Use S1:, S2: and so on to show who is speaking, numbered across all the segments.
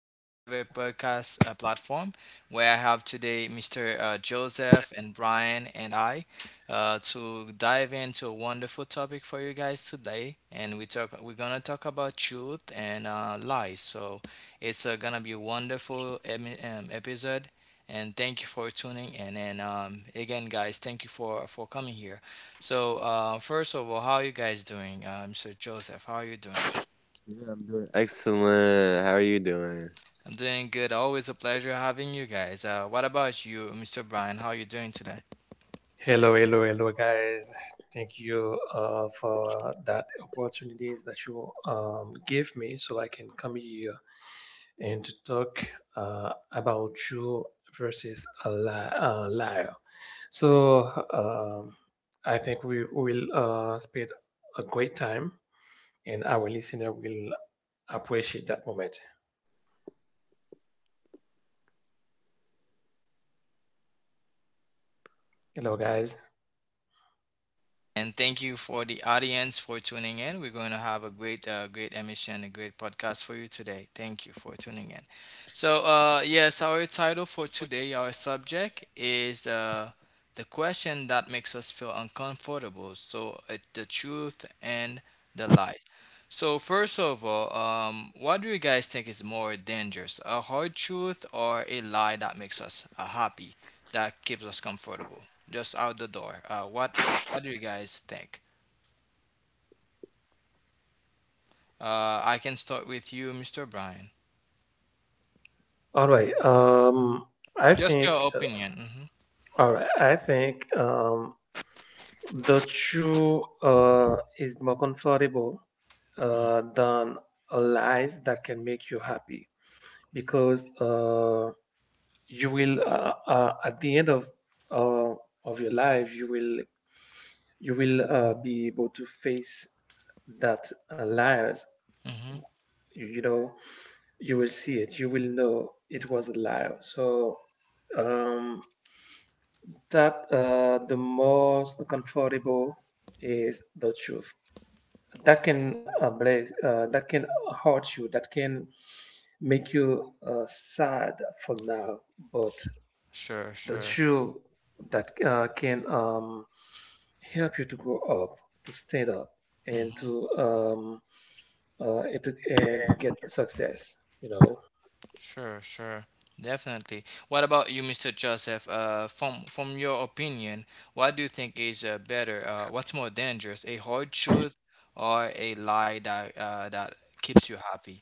S1: on your favorite podcast platform, where I have today Mr. Joseph and Brian and I to dive into a wonderful topic for you guys today. And we're gonna talk about truth and lies. So it's gonna be a wonderful episode. And thank you for tuning in. And again, guys, thank you for coming here. So, first of all, how are you guys doing, Mr. Joseph? How are you doing? I'm doing good. Always a pleasure having you guys. What about you, Mr. Brian? How are you doing today?
S2: Hello, hello, hello, guys. Thank you for that opportunities that you give me so I can come here and to talk about you versus a liar. So um, I think we will spend a great time and our listener will appreciate that moment. Hello, guys.
S1: And thank you for the audience for tuning in. We're going to have a great, great emission, a great podcast for you today. Thank you for tuning in. So, yes, our title for today, our subject is the question that makes us feel uncomfortable. So, the truth and the light. So, first of all, what do you guys think is more dangerous, a hard truth or a lie that makes us happy, that keeps us comfortable, just out the door? What what do you guys think? I can start with you, Mr. Brian.
S2: All right. I
S1: Just your
S2: think, uh,
S1: opinion.
S2: I think the truth is more comfortable
S1: Hmm.
S2: than lies that can make you happy because you will at the end uh, of your life you will be able to face that liars.
S1: Hmm.
S2: You know you will see it, you will know it was a liar. So um, that the most comfortable is the truth that can blaze, that can hurt you, that can make you sad for now, but
S1: Sure,
S2: the
S1: sure.
S2: truth that can help you to grow up, to stand up, and
S1: Hmm.
S2: to and to get success. You know.
S1: Sure, sure. Definitely. What about you, Mr. Joseph? From your opinion, what do you think is better? What's more dangerous, a hard truth or a lie that that keeps you happy?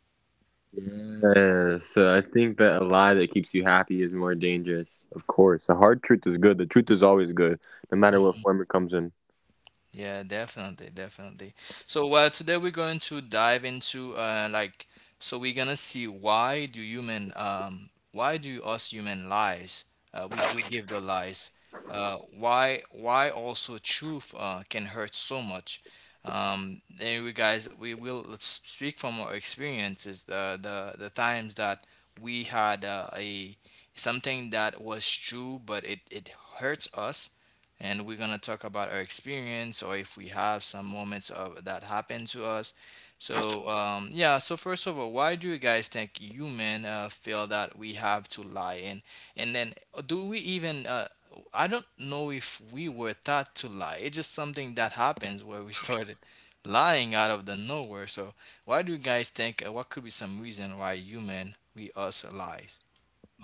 S1: Yeah, definitely, definitely. So today we're going to dive into so we're gonna see why do us human lies, we do give the lies, why also truth can hurt so much. And we guys we will, let's speak from our experiences, the times that we had a something that was true but it hurts us, and we're gonna talk about our experience, or if we have some moments of that happened to us. So yeah, so first of all, why do you guys think human feel that we have to lie, and then do we even I don't know if we were taught to lie. It's just something that happens where we started lying out of the nowhere. So why do you guys think, what could be some reason why human we us lie?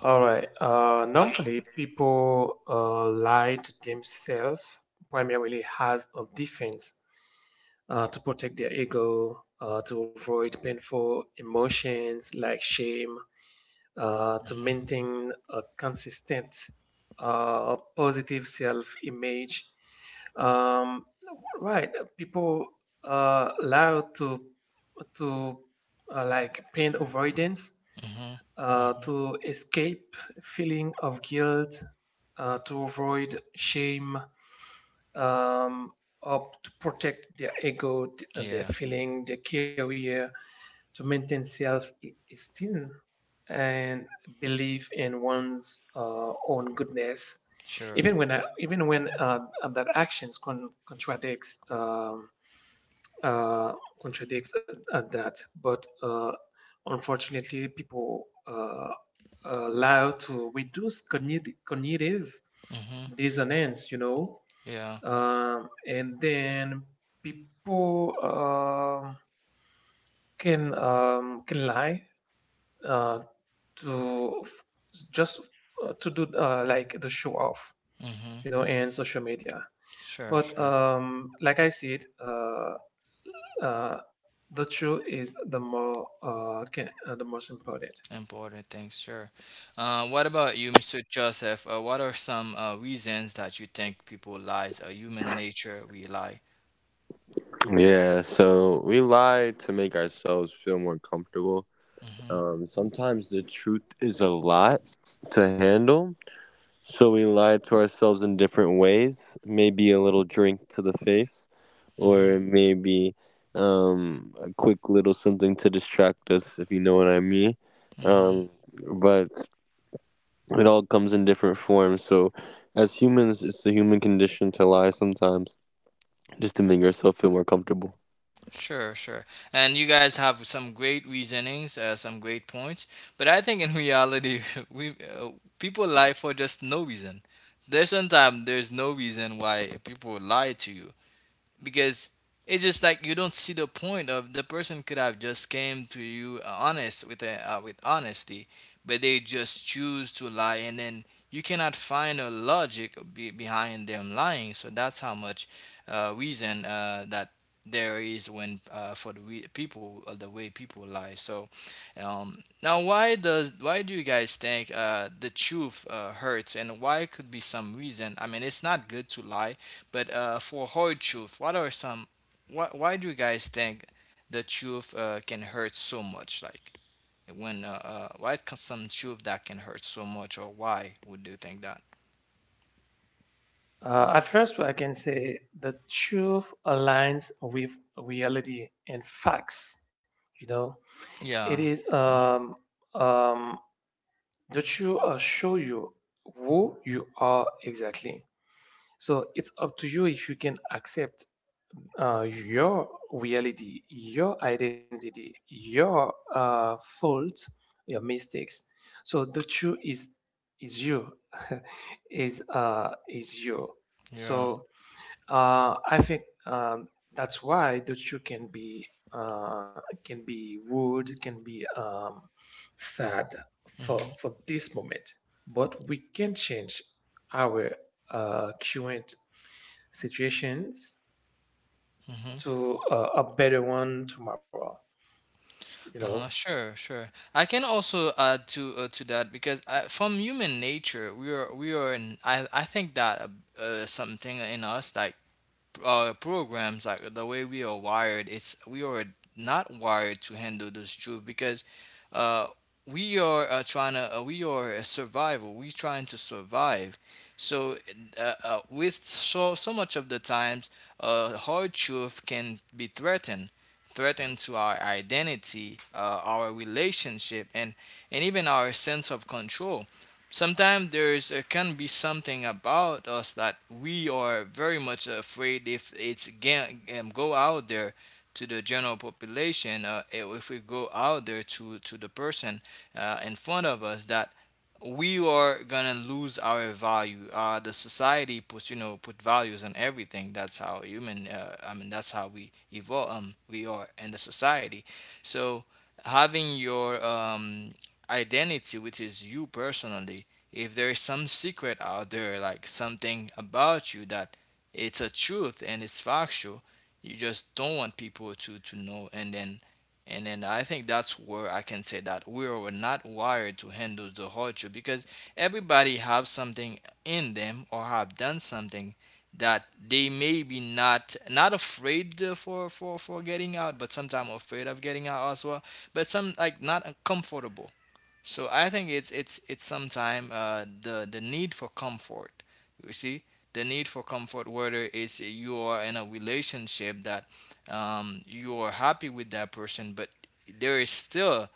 S2: All right. Normally, people lie to themselves primarily as a defense, to protect their ego, to avoid painful emotions like shame, to
S1: Mm-hmm.
S2: maintain a consistent positive self image. Um, right, people allowed to to like pain avoidance,
S1: Mm-hmm. Mm-hmm.
S2: to escape feeling of guilt, to avoid shame, um, up to protect their ego, their
S1: Yeah,
S2: feeling, their career, to maintain self-esteem and belief in one's own goodness,
S1: sure.
S2: even when that actions contradicts uh, contradicts that. But unfortunately, people allow to reduce cognitive, cognitive
S1: Mm-hmm.
S2: dissonance, you know,
S1: Yeah.
S2: and then people can can lie, uh, to just to do like the show off,
S1: Mm-hmm.
S2: you know, in social media.
S1: Sure,
S2: But
S1: sure.
S2: like I said, uh, the truth is the more can, the most important.
S1: Important things, sure. What about you, Mr. Joseph? What are some reasons that you think people lies, or human nature we lie? Mm-hmm. Mm-hmm. Mm-hmm. Sure, sure. And you guys have some great reasonings, some great points. But I think in reality, we people lie for just no reason. There's sometimes there's no reason why people lie to you, because it's just like you don't see the point. Of the person could have just came to you honest with a, with honesty, but they just choose to lie, and then you cannot find a logic behind them lying. So that's how much reason that there is when for the way people lie. So now why does, why do you guys think the truth hurts, and why could be some reason? I mean, it's not good to lie, but for hard truth, what are some? Why do you guys think the truth can hurt so much? Like when why can some truth that can hurt so much, or why would you think that?
S2: At first, I can say the truth aligns with reality and facts. You know, it
S1: Yeah,
S2: is um, that you show you who you are exactly. So it's up to you if you can accept your reality, your identity, your faults, your mistakes. So the truth is you, is you.
S1: yeah.
S2: So I think that's why the shoe can be uh, wood, can be sad for
S1: Mm-hmm.
S2: for this moment, but we can change our current situations
S1: Mm-hmm.
S2: to a better one tomorrow. You know.
S1: Uh-huh. Sure, sure. I can also add to that, because from human nature, we are. In, I think that something in us that programs like the way we are wired, it's we are not wired to handle this truth, because uh, we are trying to we are a survival, we trying to survive. So with so so much of the times, hard truth can be threatened to our identity, our relationship, and even our sense of control. Sometimes there's can be something about us that we are very much afraid if it's again go out there to the general population, if we go out there to the person in front of us, that we are gonna lose our value. The society puts, you know, put values on everything. That's how human. I mean that's how we evolve. We are in the society. So having your identity, which is you personally, if there is some secret out there, like something about you that it's a truth and it's factual, you just don't want people to know, and then I think that's where I can say that we are not wired to handle the hardship, because everybody have something in them or have done something that they may be not not afraid for getting out, but sometimes afraid of getting out as well. But some like not uncomfortable. So I think it's sometime the need for comfort. You see, the need for comfort, whether it's you are in a relationship that you are happy with that person, but there is still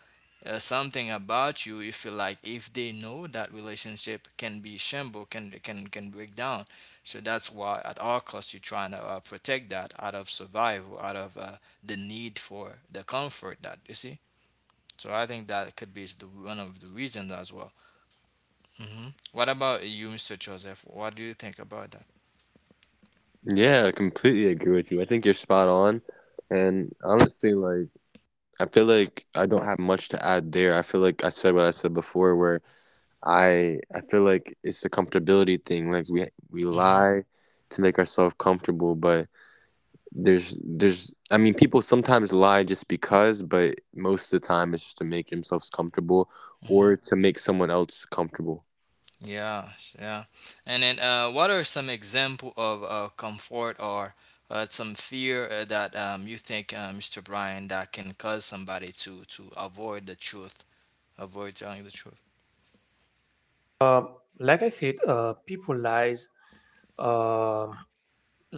S1: something about you. You feel like if they know, that relationship can be shamble, can break down. So that's why at all costs you're trying to protect that out of survival, out of the need for the comfort, that you see. So I think that could be the, one of the reasons as well. Hmm. What about you, Mr. Joseph? What do you think about that? Hmm. Hmm. Yeah, yeah. And then, what are some example of comfort, or some fear that you think, Mr. Brian, that can cause somebody to avoid the truth, avoid telling the truth?
S2: Like I said, people lies. um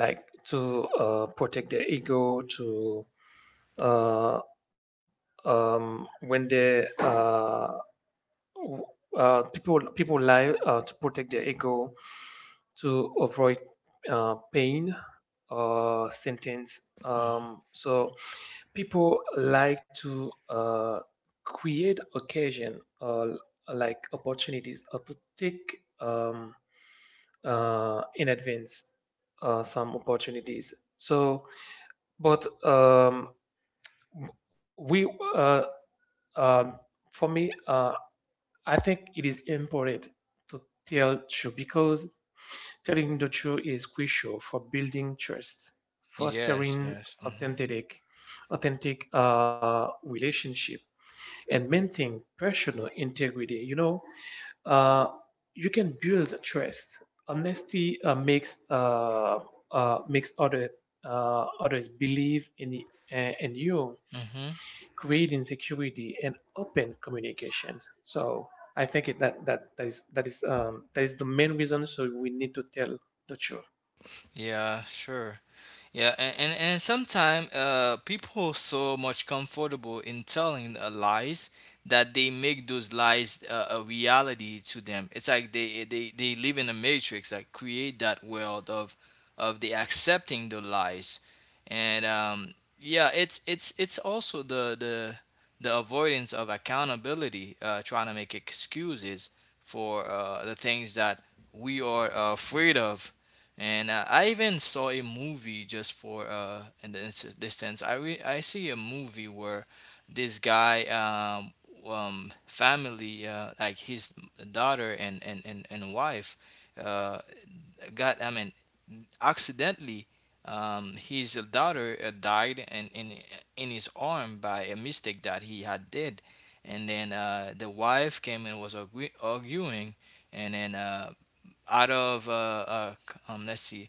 S2: like to protect their ego, to uh, um, when they uh, w- people lie, to protect their ego, to avoid pain or sentence.
S1: Hmm.
S2: So people like to create occasion or like opportunities or to take in advance some opportunities. But um, we, uh, um, for me, I think it is important to tell truth, because telling the truth is crucial for building trust,
S1: Yes,
S2: fostering
S1: yes. Hmm.
S2: authentic, relationship, and maintaining personal integrity. You know, uh, you can build trust. Honesty makes other others believe in you,
S1: Hmm.
S2: greed, insecurity, and open communications. So I think that that that is that is that is the main reason, so we need to tell the truth.
S1: Yeah, sure. Yeah, and and sometimes people are so much comfortable in telling lies, that they make those lies a reality to them. It's like they live in a matrix, like create that world of the accepting the lies, and yeah, it's also the avoidance of accountability, trying to make excuses for the things that we are afraid of. And I even saw a movie just for in this sense. I see a movie where this guy family like his daughter and wife uh got, I mean, accidentally, his daughter died in in his arm by a mistake that he had did, and then the wife came and was arguing, and then out of let's see,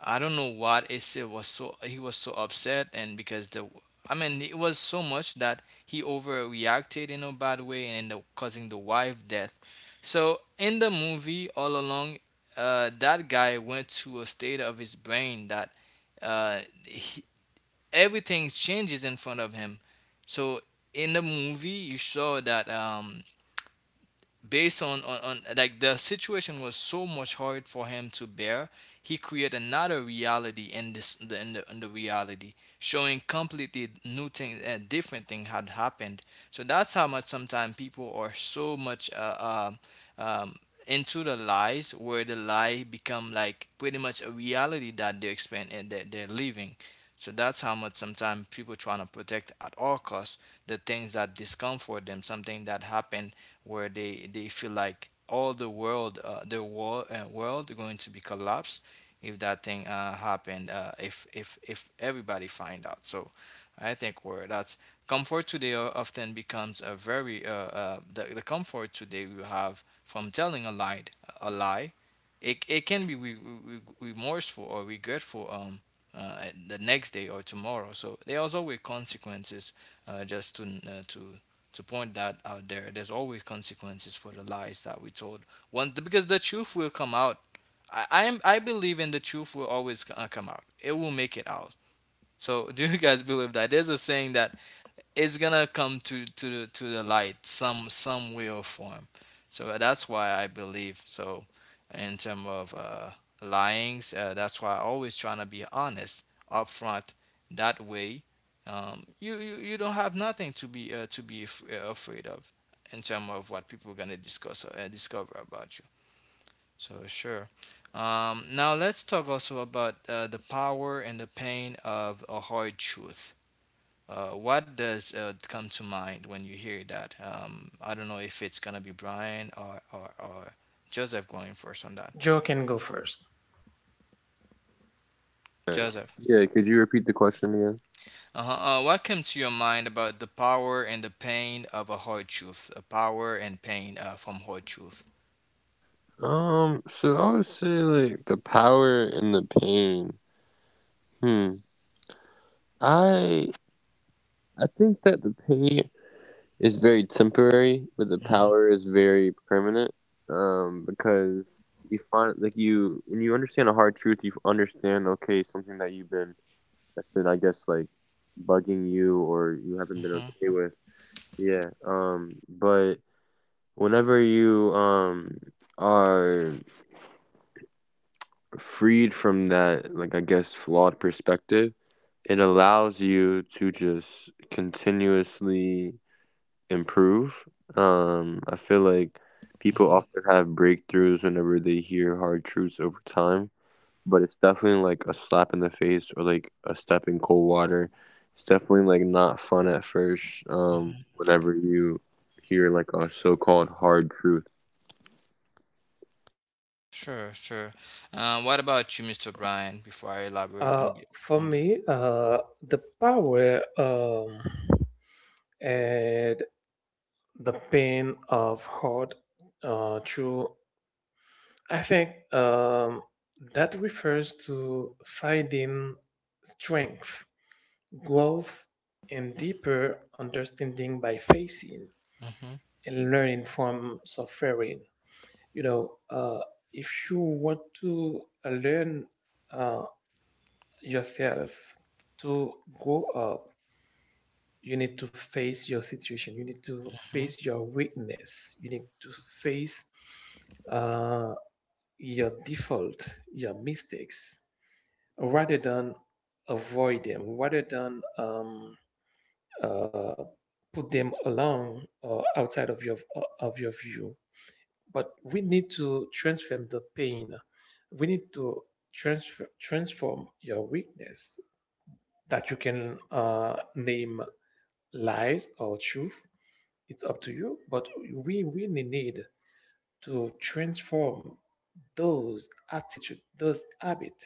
S1: I don't know what Ese was, so he was so upset, and because the, I mean, it was so much that he overreacted in a bad way and ended up causing the wife death. So in the movie all along, that guy went to a state of his brain that uh, he, everything changes in front of him. So in the movie you saw that based on like the situation was so much hard for him to bear, he created another reality in this in the, in the, in the reality, showing completely new thing and different thing had happened. So that's how much sometimes people are so much um, into the lies, where the lie become like pretty much a reality that they're expand that they're living. So that's how much sometimes people trying to protect at all costs the things that discomfort them, something that happened where they feel like all the world world going to be collapsed if that thing happened, if everybody find out. So I think where that's comfort today often becomes a very the comfort today you have from telling a lie, a lie, it can be remorseful or regretful uh, the next day or tomorrow. So there are always consequences just to point that out, there there's always consequences for the lies that we told. One, because the truth will come out. I believe in the truth will always come out, it will make it out. So do you guys believe that? There's a saying, it's gonna come to the light some way or form. So that's why I believe so in terms of lying. That's why I always trying to be honest upfront. That way, you don't have nothing to be to be afraid of in terms of what people gonna discuss discover about you. So sure. Now let's talk also about the power and the pain of a hard truth. What does come to mind when you hear that? I don't know if it's gonna be Brian or Joseph going first on that.
S2: Joe can go first.
S1: Joseph, uh-huh. What came to your mind about the power and the pain of a hard truth? The power and pain from hard truth. Mm-hmm, mm-hmm, mm-hmm, hmm. Sure, sure. What about you, Mr. Brian, before I elaborate
S2: For
S1: on that?
S2: me, the power and the pain of hurt through, I think that refers to finding strength, growth, and deeper understanding by facing
S1: Mm-hmm,
S2: and learning from suffering. You know, if you want to learn uh, yourself to grow up, you need to face your situation. You need to
S1: mm-hmm,
S2: face your weakness. You need to face uh, your default, your mistakes, rather than avoid them, rather than uh, put them along or outside of your view. But we need to transform the pain. We need to transform your weakness, that you can name lies or truth. It's up to you, but we really need to transform those attitude, those habit,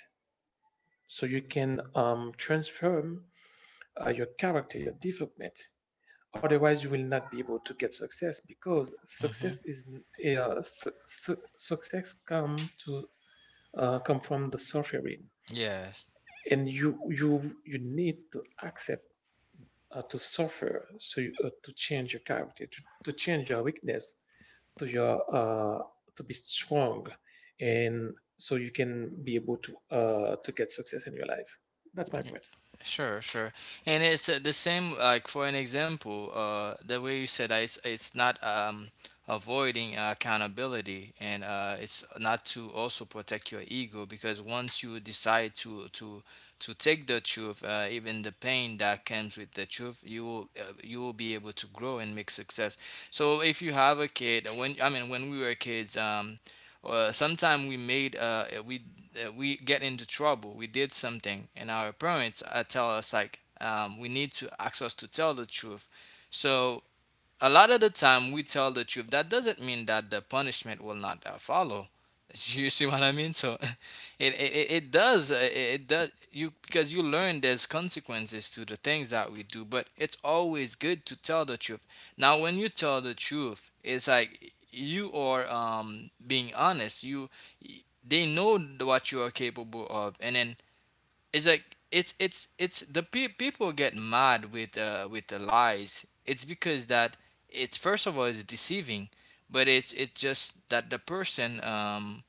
S2: so you can transform your character, your development. Otherwise, you will not be able to get success, because
S1: mm-hmm.
S2: success is su- su- success come to come from the suffering,
S1: Yes.
S2: and you need to accept to suffer, so to change your character, to change your weakness, to your uh, to be strong, and so you can be able to get success in your life. That's my point.
S1: Sure, sure. And it's the same, like for an example, the way you said that it's not avoiding accountability and it's not to also protect your ego because once you decide to take the truth, even the pain that comes with the truth, you will be able to grow and make success. So if you have a kid, when I mean when we were kids, sometime we made we get into trouble, we did something, and our parents tell us like we need to ask us to tell the truth. So a lot of the time we tell the truth that doesn't mean that the punishment will not follow you see what I mean? So it does it does you because you learn there's consequences to the things that we do, but it's always good to tell the truth. Now when you tell the truth, it's like you are being honest. You y- they know what you are capable of, and then it's like it's the people get mad with the lies. It's because that it's first of all it's deceiving, but it's just that the person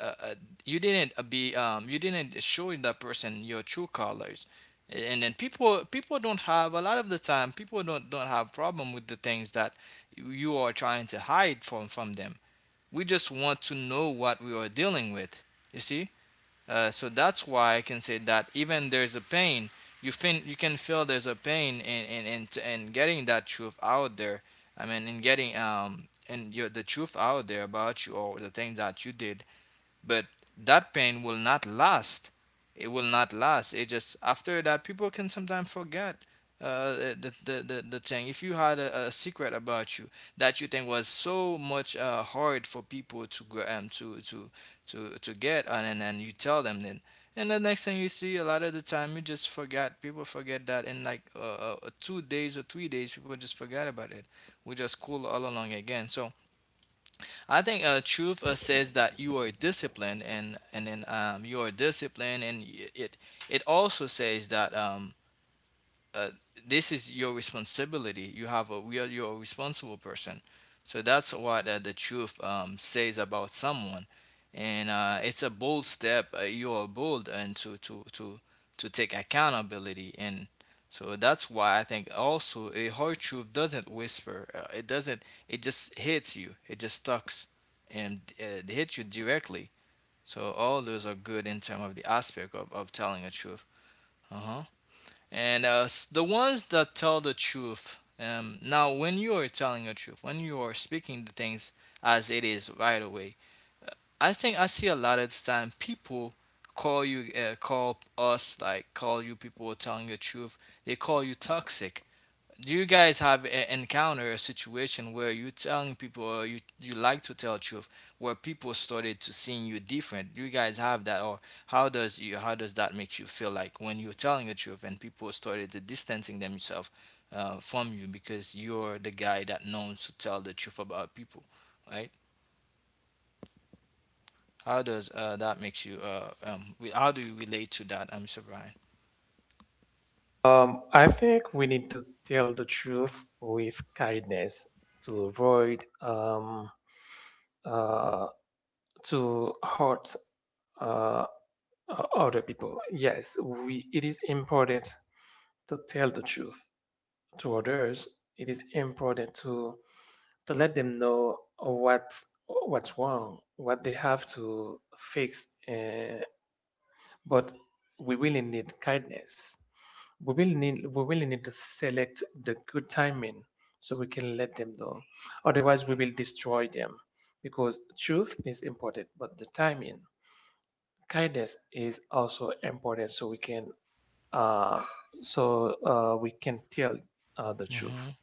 S1: uh, uh, you didn't be you didn't show that person your true colors. And then people don't have a lot of the time people don't have problem with the things that you are trying to hide from them. We just want to know what we are dealing with, you see. So that's why I can say that even there's a pain, you can feel there's a pain in getting that truth out there. I mean, in getting in your the truth out there about you or the things that you did, but that pain will not last. It will not last. It just after that people can sometimes forget uh, the thing. If you had a secret about you that you think was so much hard for people to to get, and then and you tell them, then and the next thing you see, a lot of the time you just forget, people forget that in like 2 days or 3 days. People just forget about it. We just cool all along again. So I think truth says that you are disciplined, and then you are disciplined, and it it also says that uh, this is your responsibility. You have a we are you're a responsible person. So that's what the truth says about someone, and it's a bold step. You are bold and to take accountability, and so that's why I think also a hard truth doesn't whisper. It doesn't. It just hits you. It just stucks, and it hits you directly. So all those are good in terms of the aspect of telling a truth. Uh huh. And the ones that tell the truth, now when you are telling the truth, when you are speaking the things as it is right away, uh, I think I see a lot of time people call you call us like call you, people telling the truth, they call you toxic. Do you guys have a, encounter a situation where you telling people or you like to tell truth where people started to seeing you different? Do you guys have that? Or how does you how does that make you feel like when you're telling the truth and people started to distancing themselves from you because you're the guy that knows to tell the truth about people, right? How does that makes you how do you relate to that, Mr. Brian?
S2: I think we need to tell the truth with kindness to avoid uh, to hurt uh, other people. Yes, it is important to tell the truth to others. It is important to let them know what, what's wrong, what they have to fix. But we really need kindness. We really need to select the good timing, so we can let them know. Otherwise, we will destroy them, because truth is important, but the timing, kindness, is also important, so uh, we can tell the truth.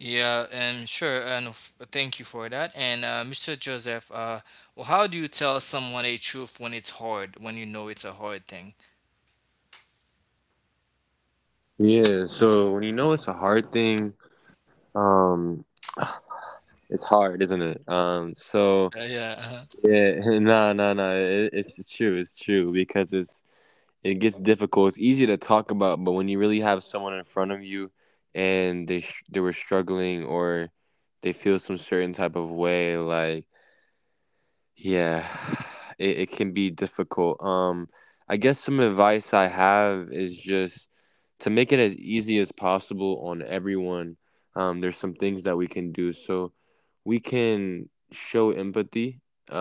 S1: Yeah, sure, and thank you for that. And Mr. Joseph, well, how do you tell someone a truth when it's hard, when you know it's a hard thing? Yeah. Uh-huh.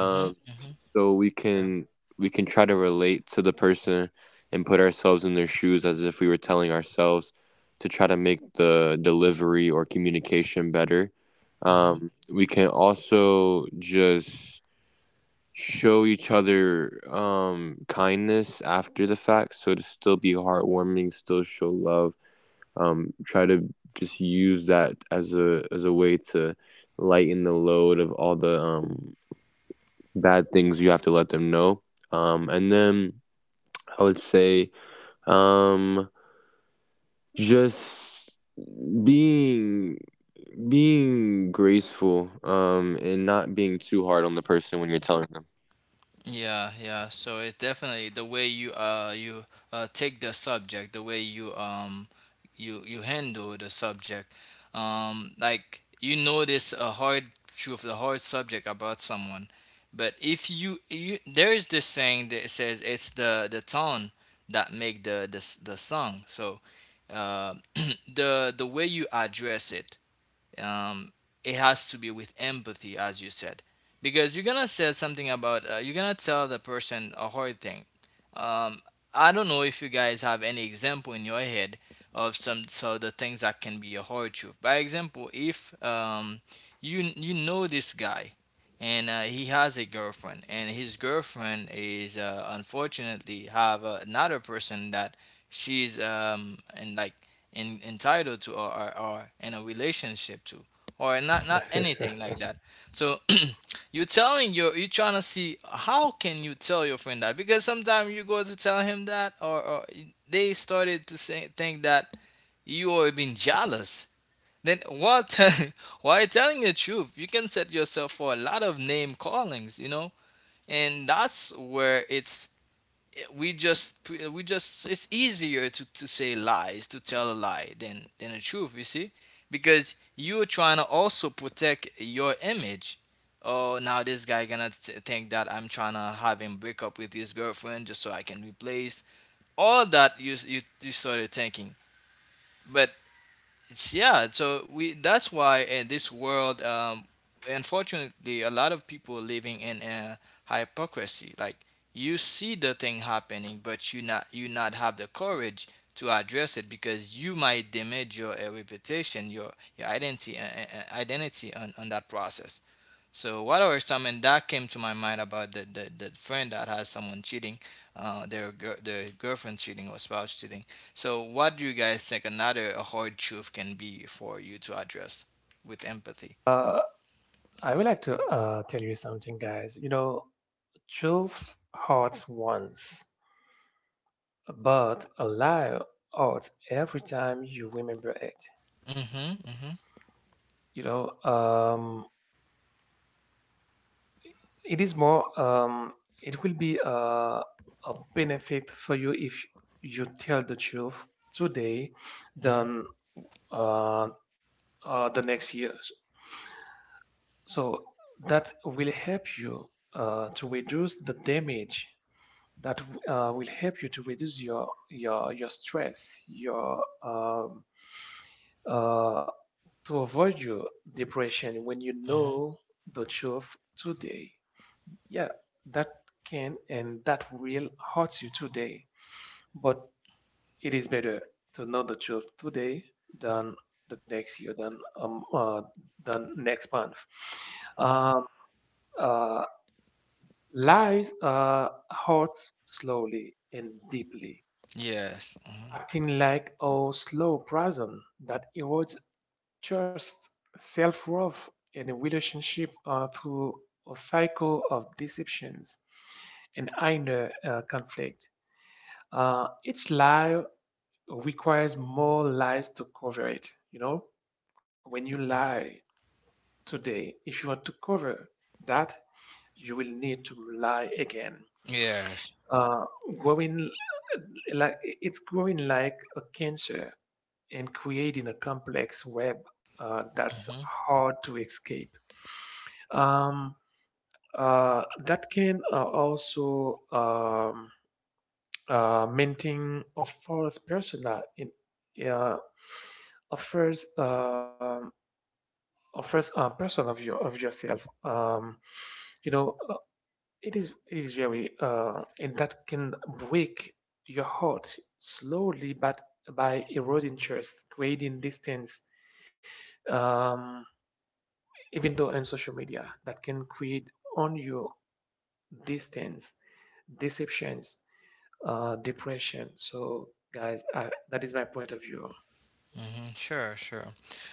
S1: Mm-hmm, mm-hmm, yeah. Mm-hmm. Yeah, yeah. So it definitely the way you take the subject, the way you handle the subject, like you notice a hard truth, the hard subject about someone. But if you there is this saying that says it's the tone that make the the song. So uh the way you address it, um, it has to be with empathy, as you said, because you're gonna say something about you're gonna tell the person a hard thing. Um, I don't know if you guys have any example in your head of some so the things that can be a hard truth. By example, if you know this guy, and he has a girlfriend and his girlfriend is unfortunately have another person that she's and like entitled to or in a relationship to, or not anything like that. So you're telling your you're trying to see how can you tell your friend that, because sometimes you go to tell him that, or they started to say think that you are being jealous, then what? Why telling the truth you can set yourself for a lot of name callings, you know. And that's where it's we just it's easier to say lies, to tell a lie, than the truth, you see. Because you're trying to also protect your image. Oh, now this guy gonna think that I'm trying to have him break up with his girlfriend just so I can replace. All that you started thinking. But it's yeah. So we that's why in this world, unfortunately, a lot of people are living in a hypocrisy. Like you see the thing happening, but you not have the courage to address it because you might damage your reputation, your identity, identity on that process. So what are some and that came to my mind about the the friend that has someone cheating, their their girlfriend cheating or spouse cheating. So what do you guys think another hard truth can be for you to address with empathy?
S2: Uh, I would like to tell you something, guys. You know, truth hurts once, but a lie hurts every time you remember it.
S1: Mhm. Mhm.
S2: You know, it is more. It will be a benefit for you if you tell the truth today,
S1: Mhm.
S2: than uh, the next years. So that will help you to reduce the damage. That will help you to reduce your stress, your uh, to avoid your depression when you
S1: Mhm.
S2: know the truth today. Yeah, that can, and that will hurt you today, but it is better to know the truth today than the next year, than next month.
S1: Mhm.
S2: Um, uh, Lies hurts slowly and deeply,
S1: Yes. Mhm.
S2: acting like a slow poison that erodes trust, self-worth, and a relationship through a cycle of deceptions and inner conflict. Each lie requires more lies to cover it. You know, when you lie today, if you want to cover that, you will need to lie again.
S1: Yes.
S2: Uh, growing like It's growing like a cancer and creating a complex web that's
S1: Mm-hmm.
S2: hard to escape. Um, that can also maintain a false persona in, uh, a first um, a first person of your of yourself. You know, It is very, and that can break your heart slowly, but by eroding trust, creating distance. Um, Even though on social media, that can create on you distance, deceptions, depression. So, guys, that is my point of view.
S1: Mhm. Sure, sure.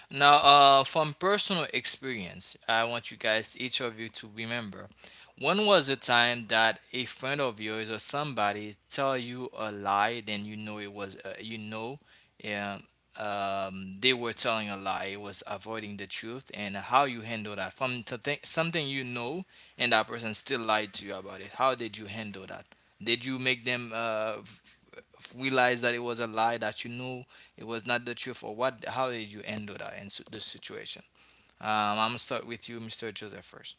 S1: Now, from personal experience, I want you guys, each of you, to remember. When was a time that a friend of yours or somebody tell you a lie, then you know it was, you know, um, they were telling a lie. It was avoiding the truth, and how you handle that. From to think, something you know, and that person still lied to you about it. How did you handle that? Did you make them realize that it was a lie that you know? It was not the truth, or what? How did you handle that in this situation? I'm gonna start with you, Mr. Joseph, first,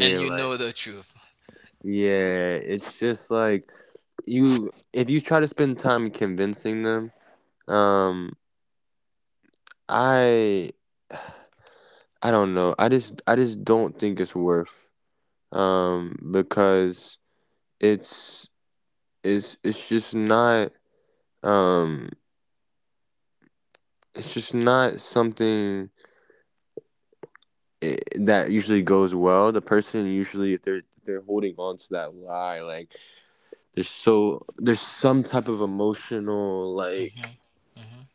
S1: and you know the truth. Mhm, mhm,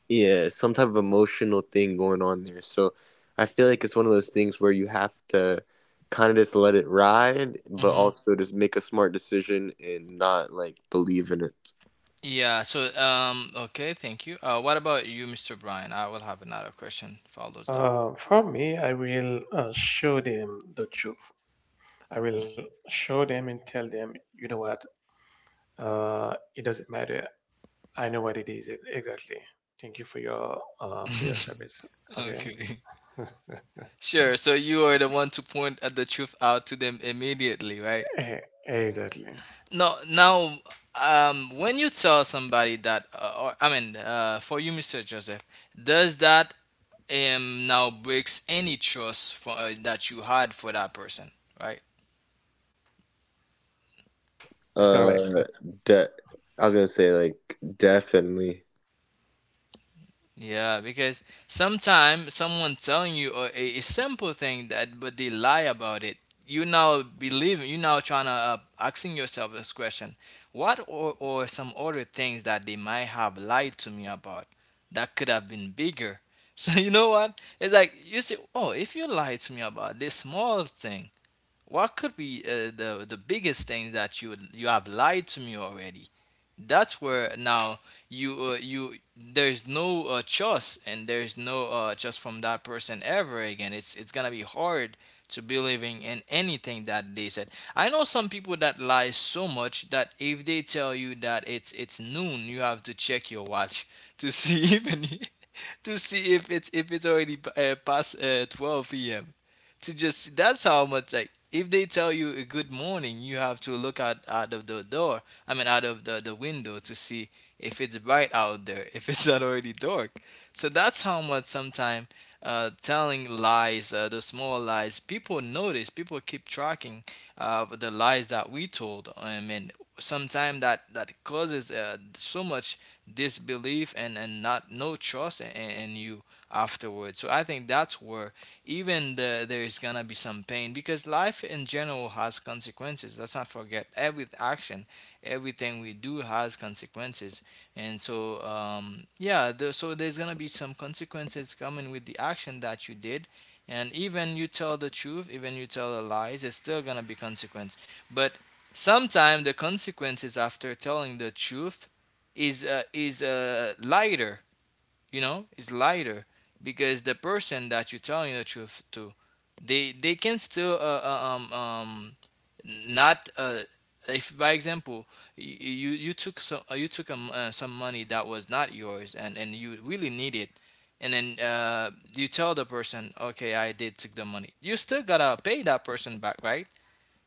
S1: mhm. Yeah. So, okay, thank you. What about you, Mr. Brian? I will have another question. Follows that.
S2: For me, I will show them the truth. I will show them and tell them, you know what, it doesn't matter. I know what it is exactly. Thank you for your, for your service. Okay.
S1: Okay. Sure. So you are the one to point at the truth out to them immediately, right?
S2: Eh, exactly.
S1: No, now, when you tell somebody that, or I mean, for you, Mr. Joseph, does that now breaks any trust for that you had for that person, right?
S2: That's correct.
S1: Yeah, because sometimes someone telling you a simple thing that but they lie about it, you now believe, you now trying to asking yourself this question, what or, some other things that they might have lied to me about that could have been bigger. So you know what it's like, you say, oh, if you lied to me about this small thing, what could be the biggest thing that you have lied to me already? That's where now you there's no choice and there's no trust from that person ever again. It's gonna be hard to believing in anything that they said. I know some people that lie so much that if they tell you that it's noon, you have to check your watch to see even to see if it's already past 12 p.m. To just that's how much, like if they tell you a good morning you have to look out of the door, I mean out of the window to see if it's bright out there, if it's not already dark. So that's how much sometimes telling lies, the small lies, people notice, people keep tracking the lies that we told, I mean sometimes that causes so much disbelief and not no trust in you afterwards. So I think that's where even there is gonna be some pain, because life in general has consequences. Let's not forget every action, everything we do has consequences, and so yeah, so there's gonna be some consequences coming with the action that you did. And even you tell the truth, even you tell the lies, it's still gonna be consequence. But sometimes the consequences after telling the truth is lighter, you know, it's lighter, because the person that you're telling the truth to, they can still not if by example, you took some money that was not yours and you really need it, and then you tell the person, okay, I did took the money, you still gotta pay that person back, right?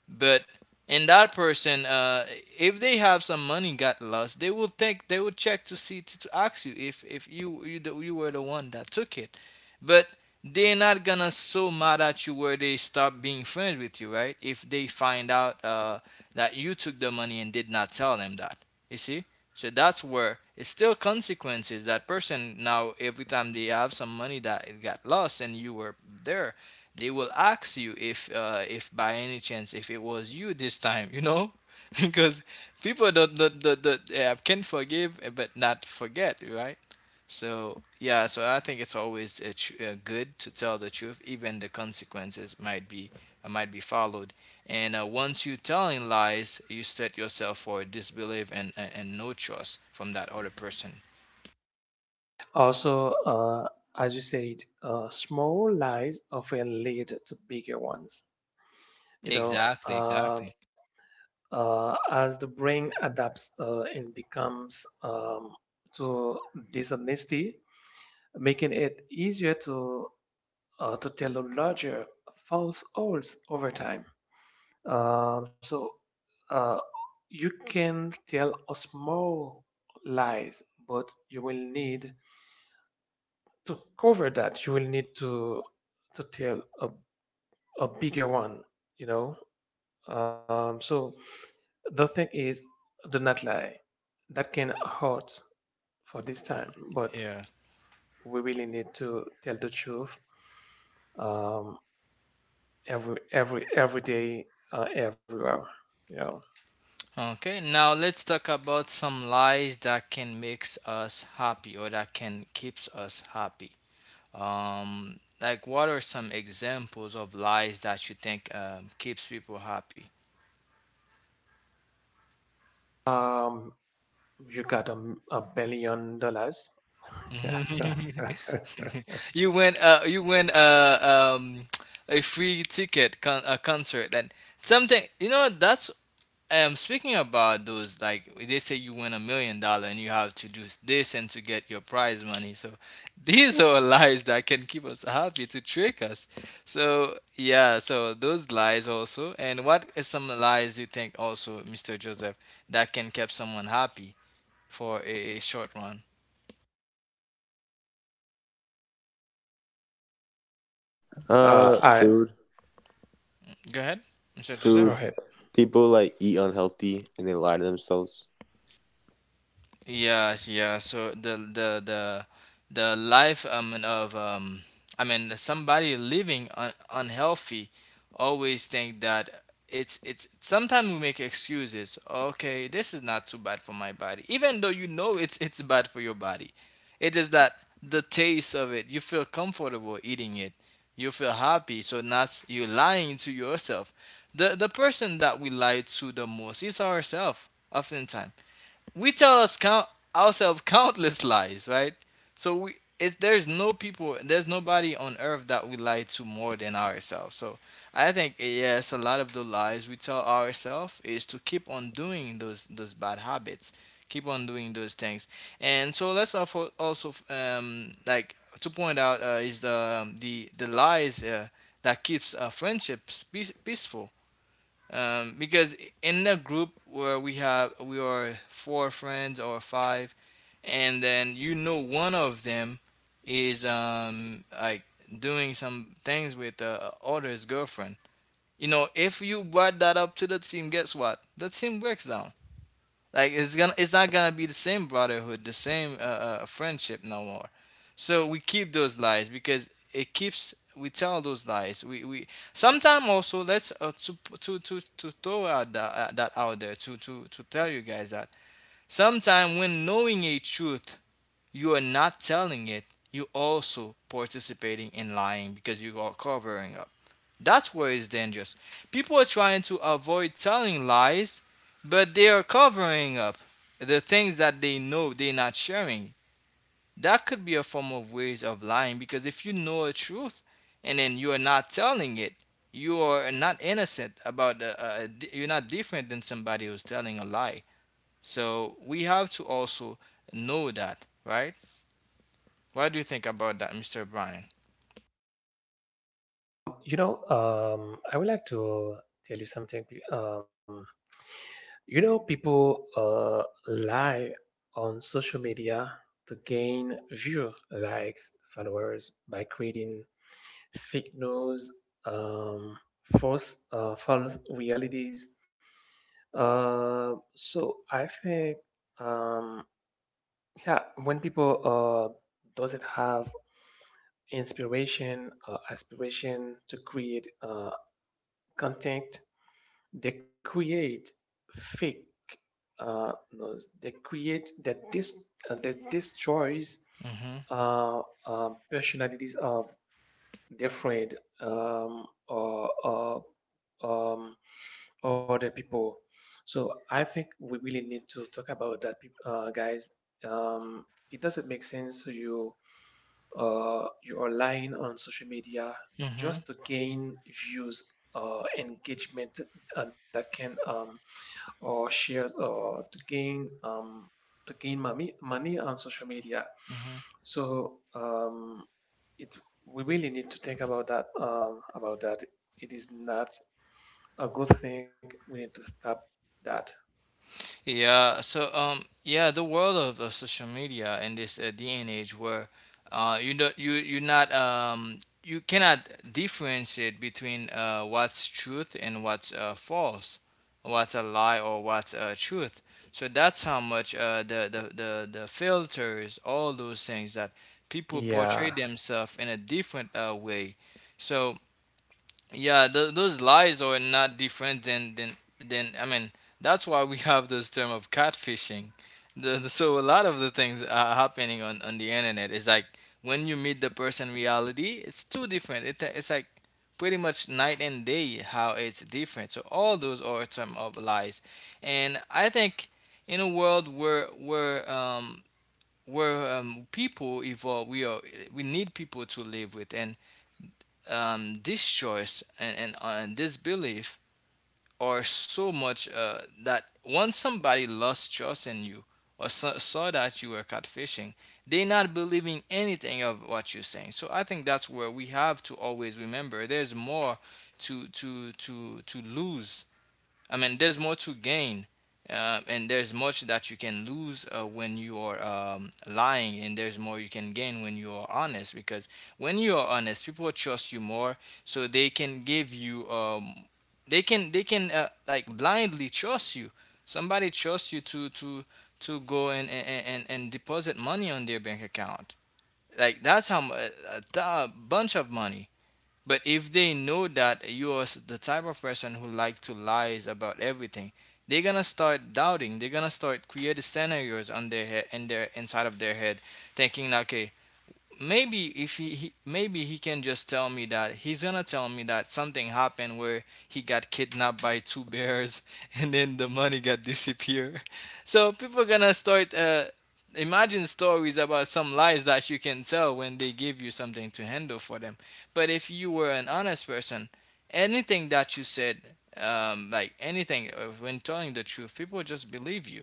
S1: But and that person, if they have some money got lost, they will think, they will check to see to ask you if you you were the one that took it. But they're not gonna so mad at you where they stop being friends with you, right? If they find out that you took the money and did not tell them that, you see. So that's where it's still consequences. That person now every time they have some money that it got lost and you were there, they will ask you if by any chance if it was you this time, you know. Because people don't can forgive but not forget, right? So yeah, so I think it's always good to tell the truth, even the consequences might be followed. And once you telling lies, you set yourself for disbelief and and no trust from that other person.
S2: Also, as you said, small lies often lead to bigger ones. You know,
S1: Exactly,
S2: uh,
S1: exactly.
S2: as the brain adapts and becomes to dishonesty, making it easier to tell a, larger falsehoods over time. So uh, you can tell a small lies, but you will need to cover that. You will need to tell a bigger one. You know. So the thing is, do not lie that can hurt for this time, but
S1: Yeah.
S2: we really need to tell the truth, um, every day, everywhere. You
S1: Okay, now let's talk about some lies that can make us happy or that can keeps us happy. Like what are some examples of lies that you think keeps people happy?
S2: know, you got $1 billion. uh,
S1: You win you win a free ticket a concert and something, you know, that's speaking about those, like they say you win a million dollars and you have to do this and to get your prize money. So these are lies that can keep us happy to trick us. So yeah, so those lies also. And what is some lies you think also, Mr. Joseph, that can keep someone happy for a short run?
S2: I
S1: Go ahead, Mr.
S2: go
S1: Joseph.
S2: ahead.
S1: Yes, yeah. So the life of I mean somebody living unhealthy always think that it's sometimes we make excuses. Okay, this is not too bad for my body, even though you know it's bad for your body. It is that the taste of it, you feel comfortable eating it. You feel happy, so that's you lying to yourself. The person that we lie to the most is ourselves. Oftentimes we tell us count ourselves countless lies, right? So there's no people, there's nobody on earth that we lie to more than ourselves. So I think, yes, a lot of the lies we tell ourselves is to keep on doing those bad habits, keep on doing those things. And so let's also like to point out is the the lies that keeps friendships peaceful, because in a group where we have we are four friends or five, and then you know one of them is like doing some things with the other's girlfriend. You know, if you brought that up to the team, guess what, the team breaks down. Like it's not gonna be the same brotherhood, the same friendship no more. So we keep those lies because it keeps. We tell those lies. We sometimes also, let's to throw out that, that out there to tell you guys that sometimes when knowing a truth, you are not telling it, you also participating in lying because you are covering. That's where it's dangerous. People are trying to avoid telling lies, but they are covering up the things that they know they're not sharing. That could be a form of ways of lying, because if you know a truth and then you are not telling it, you are not innocent about you're not different than somebody who's telling a lie. So we have to also know that, right? What do you think about that, Mr. Brian?
S2: You know, I would like to tell you something. Um, You know, people lie on social media to gain view, likes, followers by creating fake news, um, false, false realities. So I think, um, yeah, when people doesn't have inspiration, aspiration to create content. They create fake no, they create that dis that destroys
S1: Mm-hmm.
S2: uh, personalities of different or um, other people. So I think we really need to talk about that, guys. Um, it doesn't make sense you are lying on social media
S1: Mm-hmm.
S2: just to gain views or engagement, that can or shares, or to gain, to gain money on social media.
S1: Mm-hmm.
S2: So it we really need to think about that, about that. It is not a good thing. We need to stop that.
S1: Yeah. So yeah, the world of social media in this day and age where you not you cannot differentiate between what's truth and what's false, what's a lie or what's truth. So that's how much the filters, all those things that people portray
S2: Yeah.
S1: themselves in a different way. So yeah, those lies are not different than. I mean, that's why we have this term of catfishing. So a lot of the things are happening on the internet. It's like when you meet the person in reality, it's too different. It, it's like pretty much night and day how it's different. So all those are term of lies, and I think in a world where people evolve, we are we need people to live with, and this choice and this belief are so much that once somebody lost trust in you or saw that you were catfishing, they not believing anything of what you're saying. So I think that's where we have to always remember there's more to lose. I mean, there's more to gain, and there's much that you can lose when you are lying, and there's more you can gain when you are honest. Because when you are honest, people trust you more, so they can give you, they can like blindly trust you. Somebody trusts you to to go and and deposit money on their bank account. Like that's how a bunch of money. But if they know that you're the type of person who like to lies about everything, they're gonna start doubting. They're gonna start creating scenarios in their inside of their head, thinking, okay, maybe if he, he maybe he can just tell me that he's gonna tell me that something happened where he got kidnapped by two bears and then the money got disappear. So people gonna start imagine stories about some lies that you can tell when they give you something to handle for them. But if you were an honest person, anything that you said, like anything when telling the truth, people just believe you.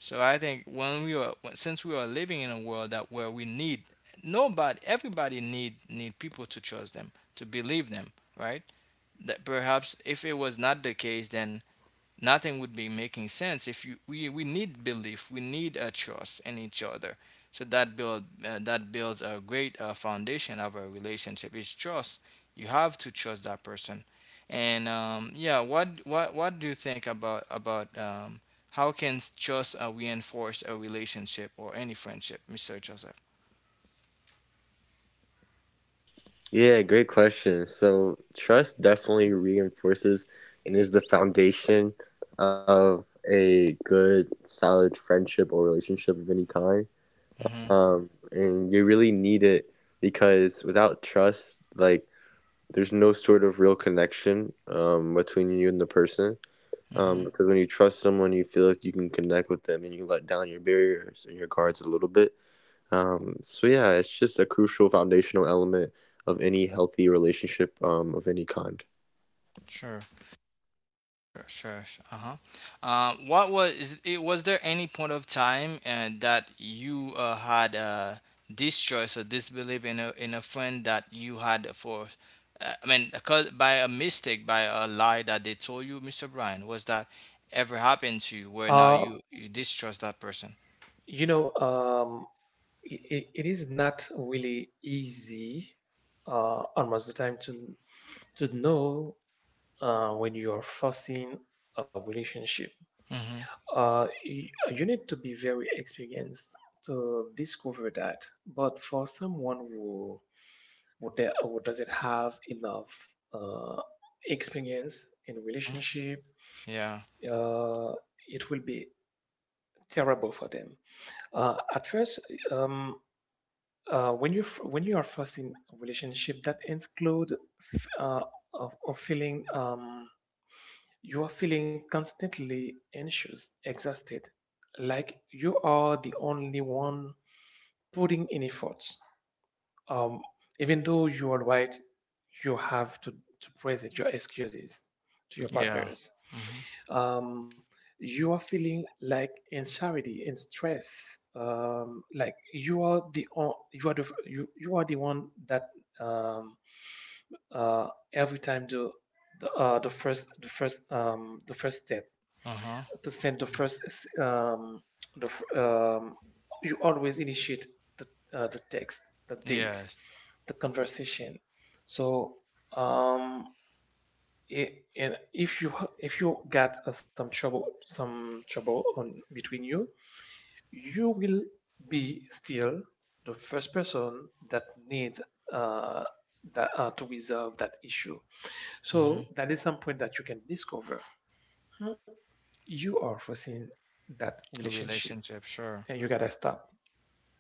S1: So I think when we are, since we are living in a world that where we need nobody everybody need people to trust them, to believe them, right? That perhaps if it was not the case, then nothing would be making sense. If you we need belief, we need a trust in each other. So that build that builds a great foundation of a relationship. It's trust. You have to trust that person. And yeah, what do you think about how can trust reinforce a relationship or any friendship, Mr. Joseph? Mm-hmm, mm-hmm. Sure. Sure, sure. Sure. Uh-huh. What was is it, was there any point of time that you had distrust or disbelief in a friend that you had for I mean cause by a mistake, by a lie that they told you, Mr. Brian? Was that ever happened to you where now
S2: Uh,
S1: you distrust that person?
S2: you know, um, it is not really easy almost the time to know when you are forcing a relationship.
S1: Mhm.
S2: You need to be very experienced to discover that. But for someone who doesn't have enough experience in
S1: mm
S2: relationship,
S1: Yeah.
S2: uh, it will be terrible for them. At first, um, when you are first in a relationship, that include f- uh, of feeling. You are feeling constantly anxious, exhausted, like you are the only one putting in efforts. Um, Even though you are right, you have to present your excuses to your
S1: Yeah.
S2: partners.
S1: Mhm.
S2: Um, you are feeling like anxiety and stress, like you are the o- you are the you, you, are the one that um, uh, every time do the first step
S1: Uh-huh.
S2: to send the first um, the, um, you always initiate the, the text, the date,
S1: Yes.
S2: the conversation. So, um and if you, if you got some trouble, some trouble on between you, you will be still the first person that needs uh that to resolve that issue.
S1: Mhm.
S2: So that is some point that you can discover. Hmm? You are forcing that
S1: A
S2: relationship,
S1: relationship, sure.
S2: and you gotta stop.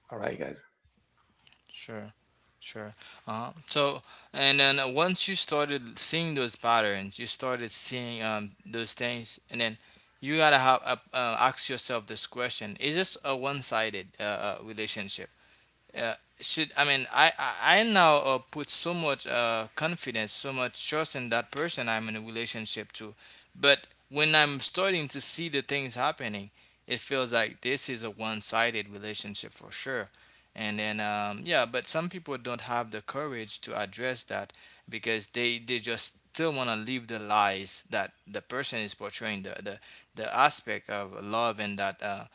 S2: All right, guys.
S1: Sure, sure. Uh-huh. So, and then once you started seeing those patterns, you started seeing those things, and then you gotta have ask yourself this question: is this a one-sided relationship? Should I mean I now put so much confidence, so much trust in that person I'm in a relationship to, but when I'm starting to see the things happening, it feels like this is a one-sided relationship for sure. And then yeah, but some people don't have the courage to address that because they just still want to leave the lies that the person is portraying, the aspect of love, and that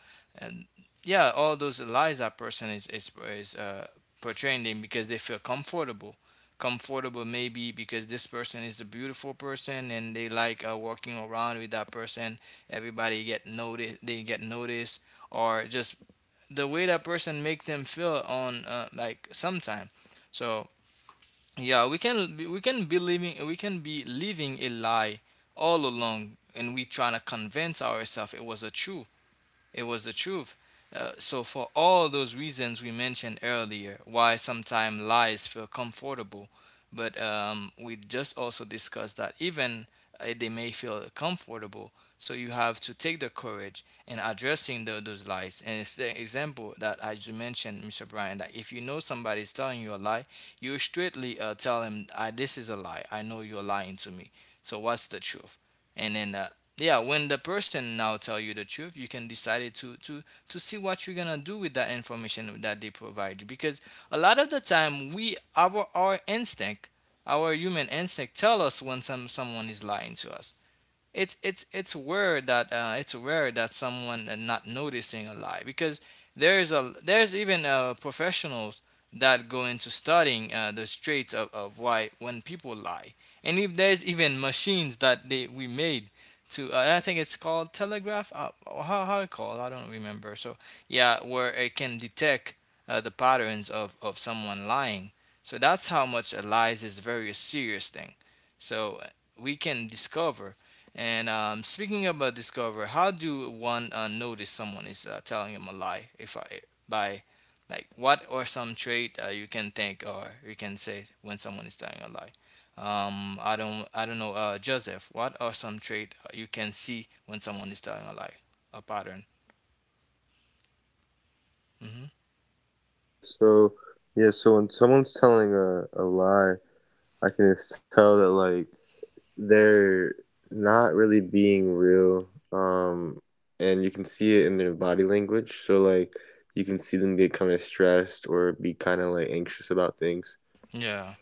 S1: yeah, all those lies that person is portraying them because they feel comfortable. Comfortable maybe because this person is the beautiful person and they like walking around with that person. Everybody get notice. They get noticed or just the way that person make them feel on like sometime. So yeah, we can be living we can be living a lie all along and we trying to convince ourselves it was a truth, it was the truth. So, for all those reasons we mentioned earlier, why sometimes lies feel comfortable, but we just also discussed that even they may feel comfortable, so you have to take the courage in addressing those lies. And it's the example that I just mentioned, Mr. Brian, that if you know somebody is telling you a lie, you straightly tell him, "Ah, this is a lie. I know you're lying to me. So, what's the truth?" And then yeah, when the person now tell you the truth, you can decide it to see what you're gonna do with that information that they provide you, because a lot of the time we our instinct, our human instinct tell us when someone is lying to us. It's weird that it's weird that someone not noticing a lie, because there's a there's even professionals that go into studying the traits of why when people lie. And if there's even machines that they we made to I think it's called telegraph or how it called, I don't remember. So yeah, where it can detect the patterns of someone lying, so that's how much a lies is very serious thing. So we can discover. And speaking about discover, how do one notice someone is telling him a lie? If I by like what or some trait you can think or you can say when someone is telling a lie. I don't know. Joseph, what are some trait you can see when someone is telling a lie? A pattern. Hmm. Yeah,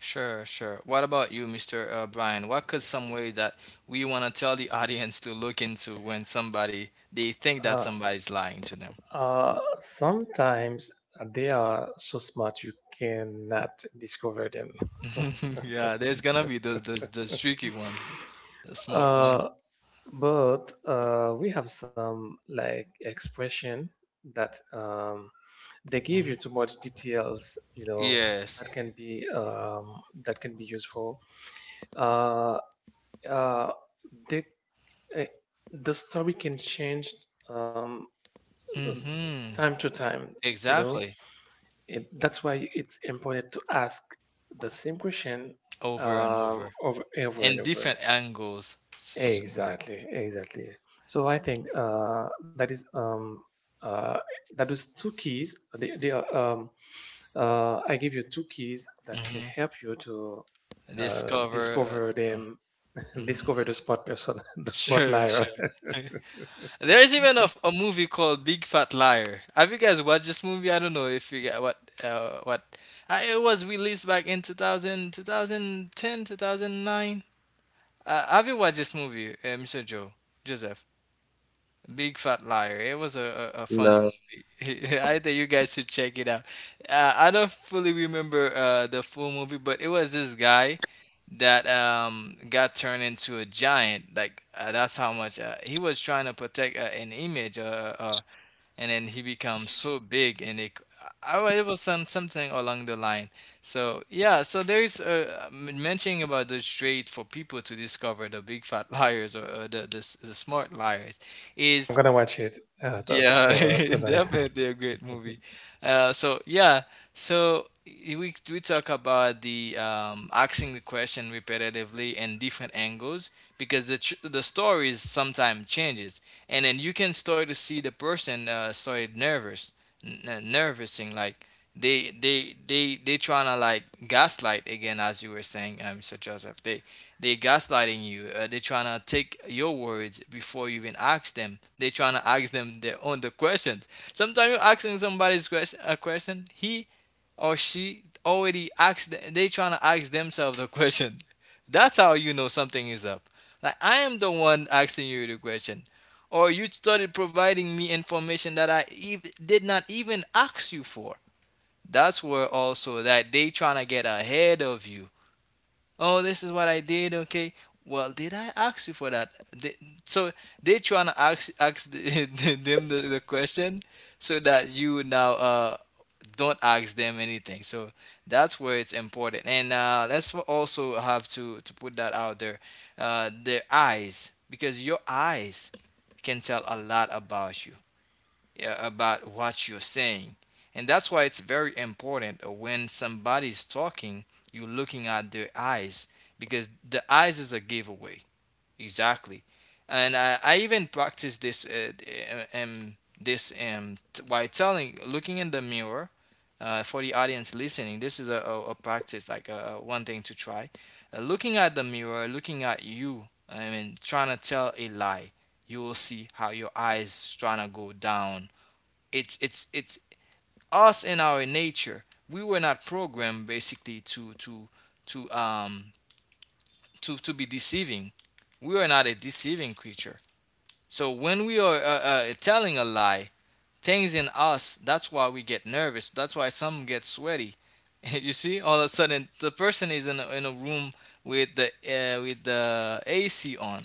S1: sure, sure. What about you, Mr. Brian? What could some way that we want to tell the audience to look into when somebody they think
S2: Uh,
S1: that somebody's lying to them?
S2: Sometimes they are so smart you cannot discover them.
S1: Yeah, there's gonna be those tricky ones, the smart ones.
S2: Uh, but we have some like expression that they give you too
S1: Mhm.
S2: much details, you know,
S1: Yes.
S2: that can be um, that can be useful. uh, uh, they, uh, the story can change, um, um,
S1: Mm-hmm.
S2: time to time, you know.
S1: Exactly.
S2: That's why it's important to ask the same question,
S1: Over and over.
S2: over, over and
S1: And
S2: over.
S1: different angles.
S2: Exactly, exactly. So I think that is, uh, that is two keys. They are I give you two keys that can
S1: Mm-hmm.
S2: help you to
S1: Discover.
S2: discover them,
S1: Mhm.
S2: discover the smart person, the smart
S1: Sure,
S2: liar.
S1: sure. There's even a movie called Big Fat Liar. Have you guys watched this movie? I don't know if you get what uh, what I, it was released back in 2000, 2010, 2009. Have you watched this movie, Mr. Joe? Joseph? Big Fat Liar. It was a funny movie. I think you guys should check it out. I don't fully remember the full movie, but it was this guy that got turned into a giant. Like that's how much he was trying to protect an image, uh, uh, and then he becomes so big, and I, it was some something along the line. So yeah, so there is mentioning about the trade for people to discover the big fat liars or the the smart liars
S2: I'm
S1: is
S2: gonna watch it
S1: yeah,
S2: tonight.
S1: definitely a great movie. So yeah, so we talk about the asking the question repetitively and different angles, because the stories sometimes changes, and then you can start to see the person started nervous, nervousing, like they trying to like gaslight again as you were saying, Mr. Joseph. They they're gaslighting you. They're trying to take your words before you even ask them. They're trying to ask them their own the questions. Sometimes you're asking somebody's question a question he or she already asked. They trying to ask themselves the question. That's how you know something is up. Like I am the one asking you the question, or you started providing me information that I did not even ask you for. That's where also that they trying to get ahead of you. Oh, this is what I did, okay. Well, did I ask you for that? So they trying to ask, ask them the question, so that you now don't ask them anything. So that's where it's important. And let's also have to put that out there: their eyes, because your eyes can tell a lot about you, yeah, about what you're saying. And that's why it's very important when somebody's talking, you're looking at their eyes, because the eyes is a giveaway. Exactly. And I even practice this uh, um, by telling, looking in the mirror for the audience listening. This is a practice, like one thing to try. Looking at the mirror, looking at you, I mean, trying to tell a lie, you will see how your eyes trying to go down. It's us in our nature. We were not programmed basically to um to be deceiving. We are not a deceiving creature. So when we are telling a lie, things in us, that's why we get nervous, that's why some get sweaty. You see all of a sudden the person is in in a room with the ac on,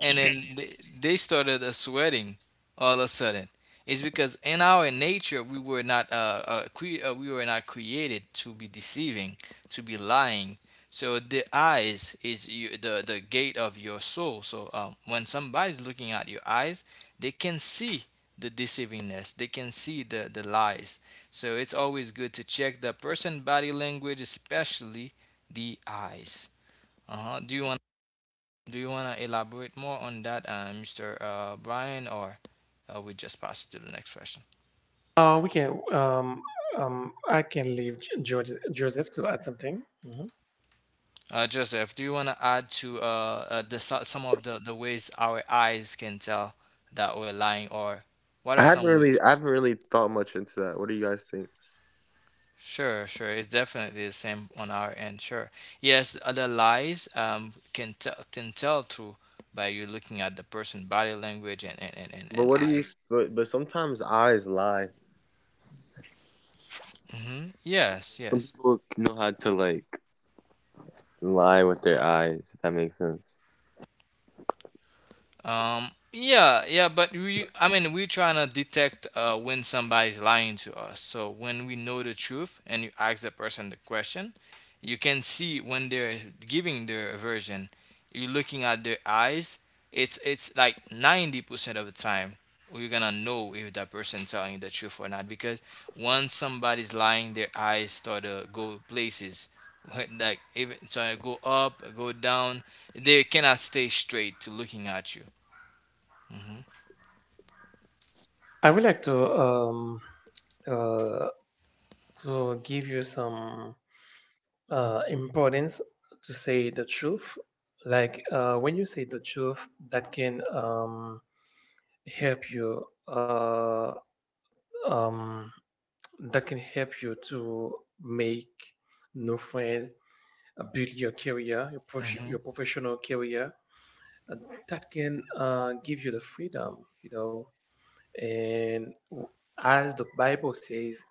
S1: and then they started sweating all of a sudden. It's because in our nature we were not we were not created to be deceiving, to be lying. So the eyes is you, the gate of your soul. So when somebody's looking at your eyes, they can see the deceivingness. They can see the lies. So it's always good to check the person body language, especially the eyes. Uh huh. Do you want? Do you want to elaborate more on that, Mr. Brian, or we just pass to the next question?
S2: We can. I can leave Joseph to add something. Mhm.
S1: Joseph, do you want to add to some of the ways our eyes can tell that we're lying, or what are some ways? Sure, sure. It's definitely the same on our end. Sure. Yes, other lies can tell through by you looking at the person body language and eyes. Hmm. Yes, yes. Yeah, yeah, but we, I mean, we're trying to detect when somebody's lying to us. So when we know the truth and you ask the person the question, you can see when they're giving their version. You're looking at their eyes. It's like 90% of the time we're gonna know if that person telling you the truth or not, because once somebody's lying, their eyes start to go places. Like even trying to go up, go down, they cannot stay straight to looking at you.
S2: I would like uh, to give you some importance to say the truth. Like when you say the truth, that can help you. Um, that can help you to make new friends, build your career, your,
S1: Mm-hmm.
S2: your professional career. uh, that can give you the freedom, you know, and as the Bible says,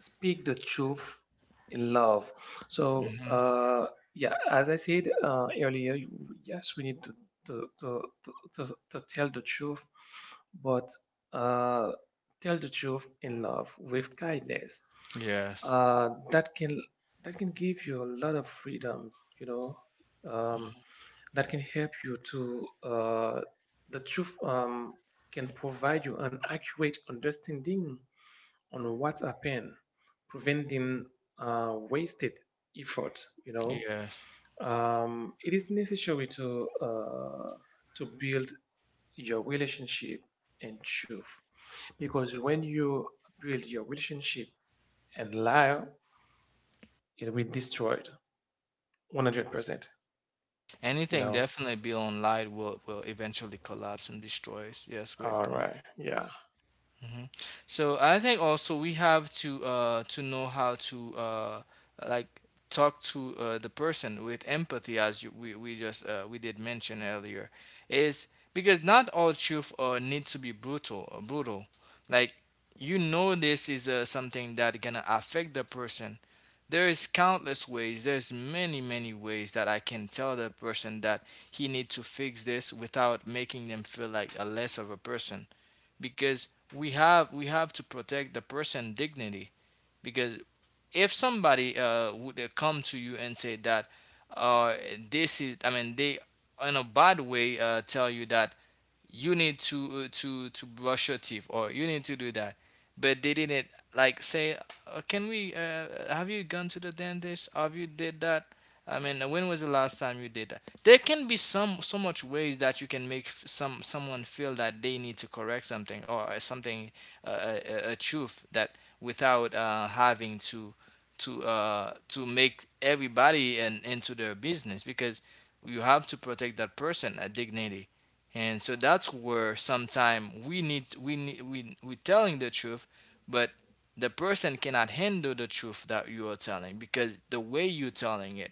S2: speak the truth in love. So,
S1: Mm-hmm.
S2: yeah, as I said earlier, yes, we need to, to, to, to tell the truth, but uh, tell the truth in love with kindness.
S1: Yes.
S2: That can that can give you a lot of freedom, you know. Um, that can help you to the truth. Can provide you an accurate understanding on what's happened, preventing wasted effort. You know,
S1: Yes.
S2: it is necessary to build your relationship and truth, because when you build your relationship and lie, it will be destroyed 100%. You
S1: Anything
S2: know.
S1: definitely beyond light will eventually collapse and destroys. Yes, great
S2: All
S1: point.
S2: right. Yeah.
S1: Hmm. So I think also we have to know how to like talk to the person with empathy, as you, we just we did mention earlier, is because not all truth needs to be brutal, like, you know, this is something that gonna affect the person. There's countless ways. There's many, many ways that I can tell the person that he needs to fix this without making them feel like a less of a person. Because we have to protect the person dignity. Because if somebody would come to you and say that uh, this is, I mean, they in a bad way tell you that you need to to brush your teeth, or you need to do that but they didn't, like, say, can we have you gone to the dentist, have you did that, I mean when was the last time you did that? There can be some, so much ways that you can make someone feel that they need to correct something or something, uh, a, a truth, that without having to to make everybody in, into their business, because you have to protect that person dignity. And so that's where sometimes we need we need we telling the truth, but the person cannot handle the truth that you are telling because the way you're telling it.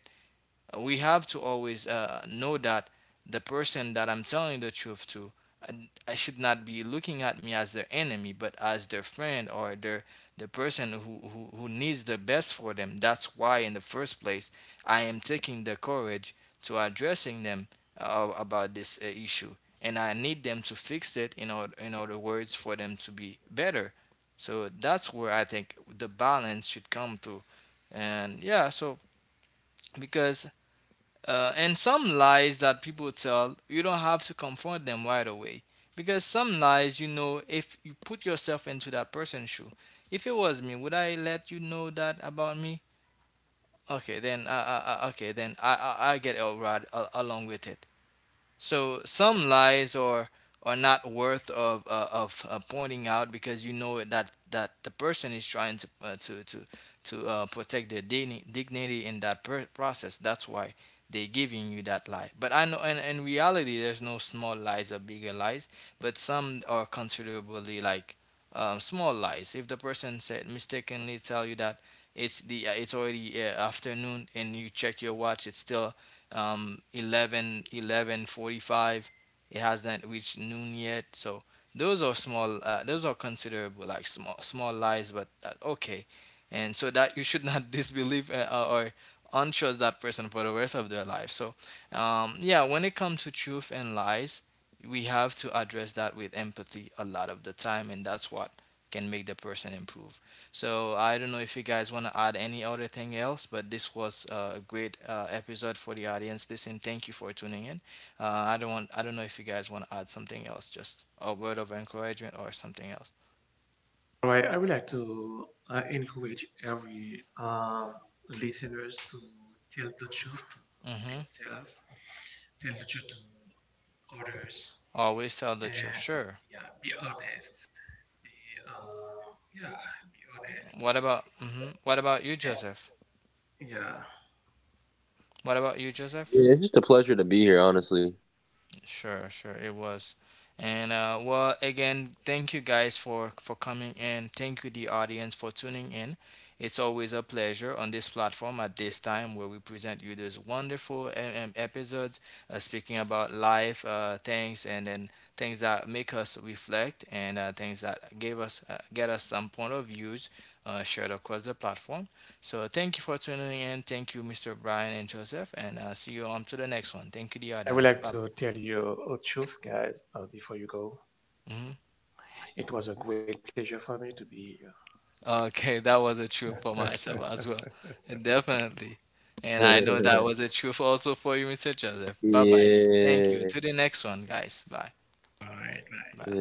S1: We have to always know that the person that I'm telling the truth to, I should not be looking at me as their enemy, but as their friend, or their, the person who, who needs the best for them. That's why, in the first place, I am taking the courage to addressing them about this issue, and I need them to fix it. In order, in other words, for them to be better. So that's where I think the balance should come to, and yeah. So because and some lies that people tell, you don't have to confront them right away. Because some lies, you know, if you put yourself into that person's shoe, if it was me, would I let you know that about me? Okay, then I get all right along with it. So some lies are not worth of pointing out, because you know it, that the person is trying to protect their dignity in that process. That's why they're giving you that lie. But I know in reality there's no small lies or bigger lies, but some are considerably, like, small lies. If the person said mistakenly tell you that it's the it's already afternoon, and you check your watch, it's still 11:45. It hasn't reached noon yet, so those are small, those are considerable like small lies, but okay. And so that you should not disbelieve or untrust that person for the rest of their life. So yeah, when it comes to truth and lies, we have to address that with empathy a lot of the time, and that's what can make the person improve. So I don't know if you guys want to add any other thing else, but this was a great episode for the audience. Listen, thank you for tuning in. I don't want. I don't know if you guys want to add something else, just a word of encouragement or something else.
S2: All right, I would like to encourage every listeners to tell the truth
S1: Mm-hmm.
S2: to themselves, tell the truth to others,
S1: Always tell the truth.
S2: and
S1: Sure.
S2: yeah, be honest. Be yeah, be honest.
S1: What about? Mm-hmm. What about you,
S2: And,
S1: Joseph?
S2: yeah,
S1: What about you, Joseph? Sure, sure, it was. And well, again, thank you guys for coming in. Thank you, the audience, for tuning in. It's always a pleasure on this platform at this time, where we present you those wonderful episodes speaking about life, things, and then things that make us reflect, and things that give us get us some point of views shared across the platform. So thank you for tuning in. Thank you, Mr. Brian and Joseph, and see you on to the next one. Thank you, the
S2: I would
S1: audience.
S2: like
S1: Bye.
S2: to tell you a truth, guys, before you go.
S1: Mhm.
S2: It was a great pleasure for me to be here.
S1: Okay, that was a trip for myself as well. And definitely. And I know that was a trip also for you, Mr. Joseph. Bye bye. Thank you. To the next one, guys. Bye.
S2: All right, bye.
S1: Bye.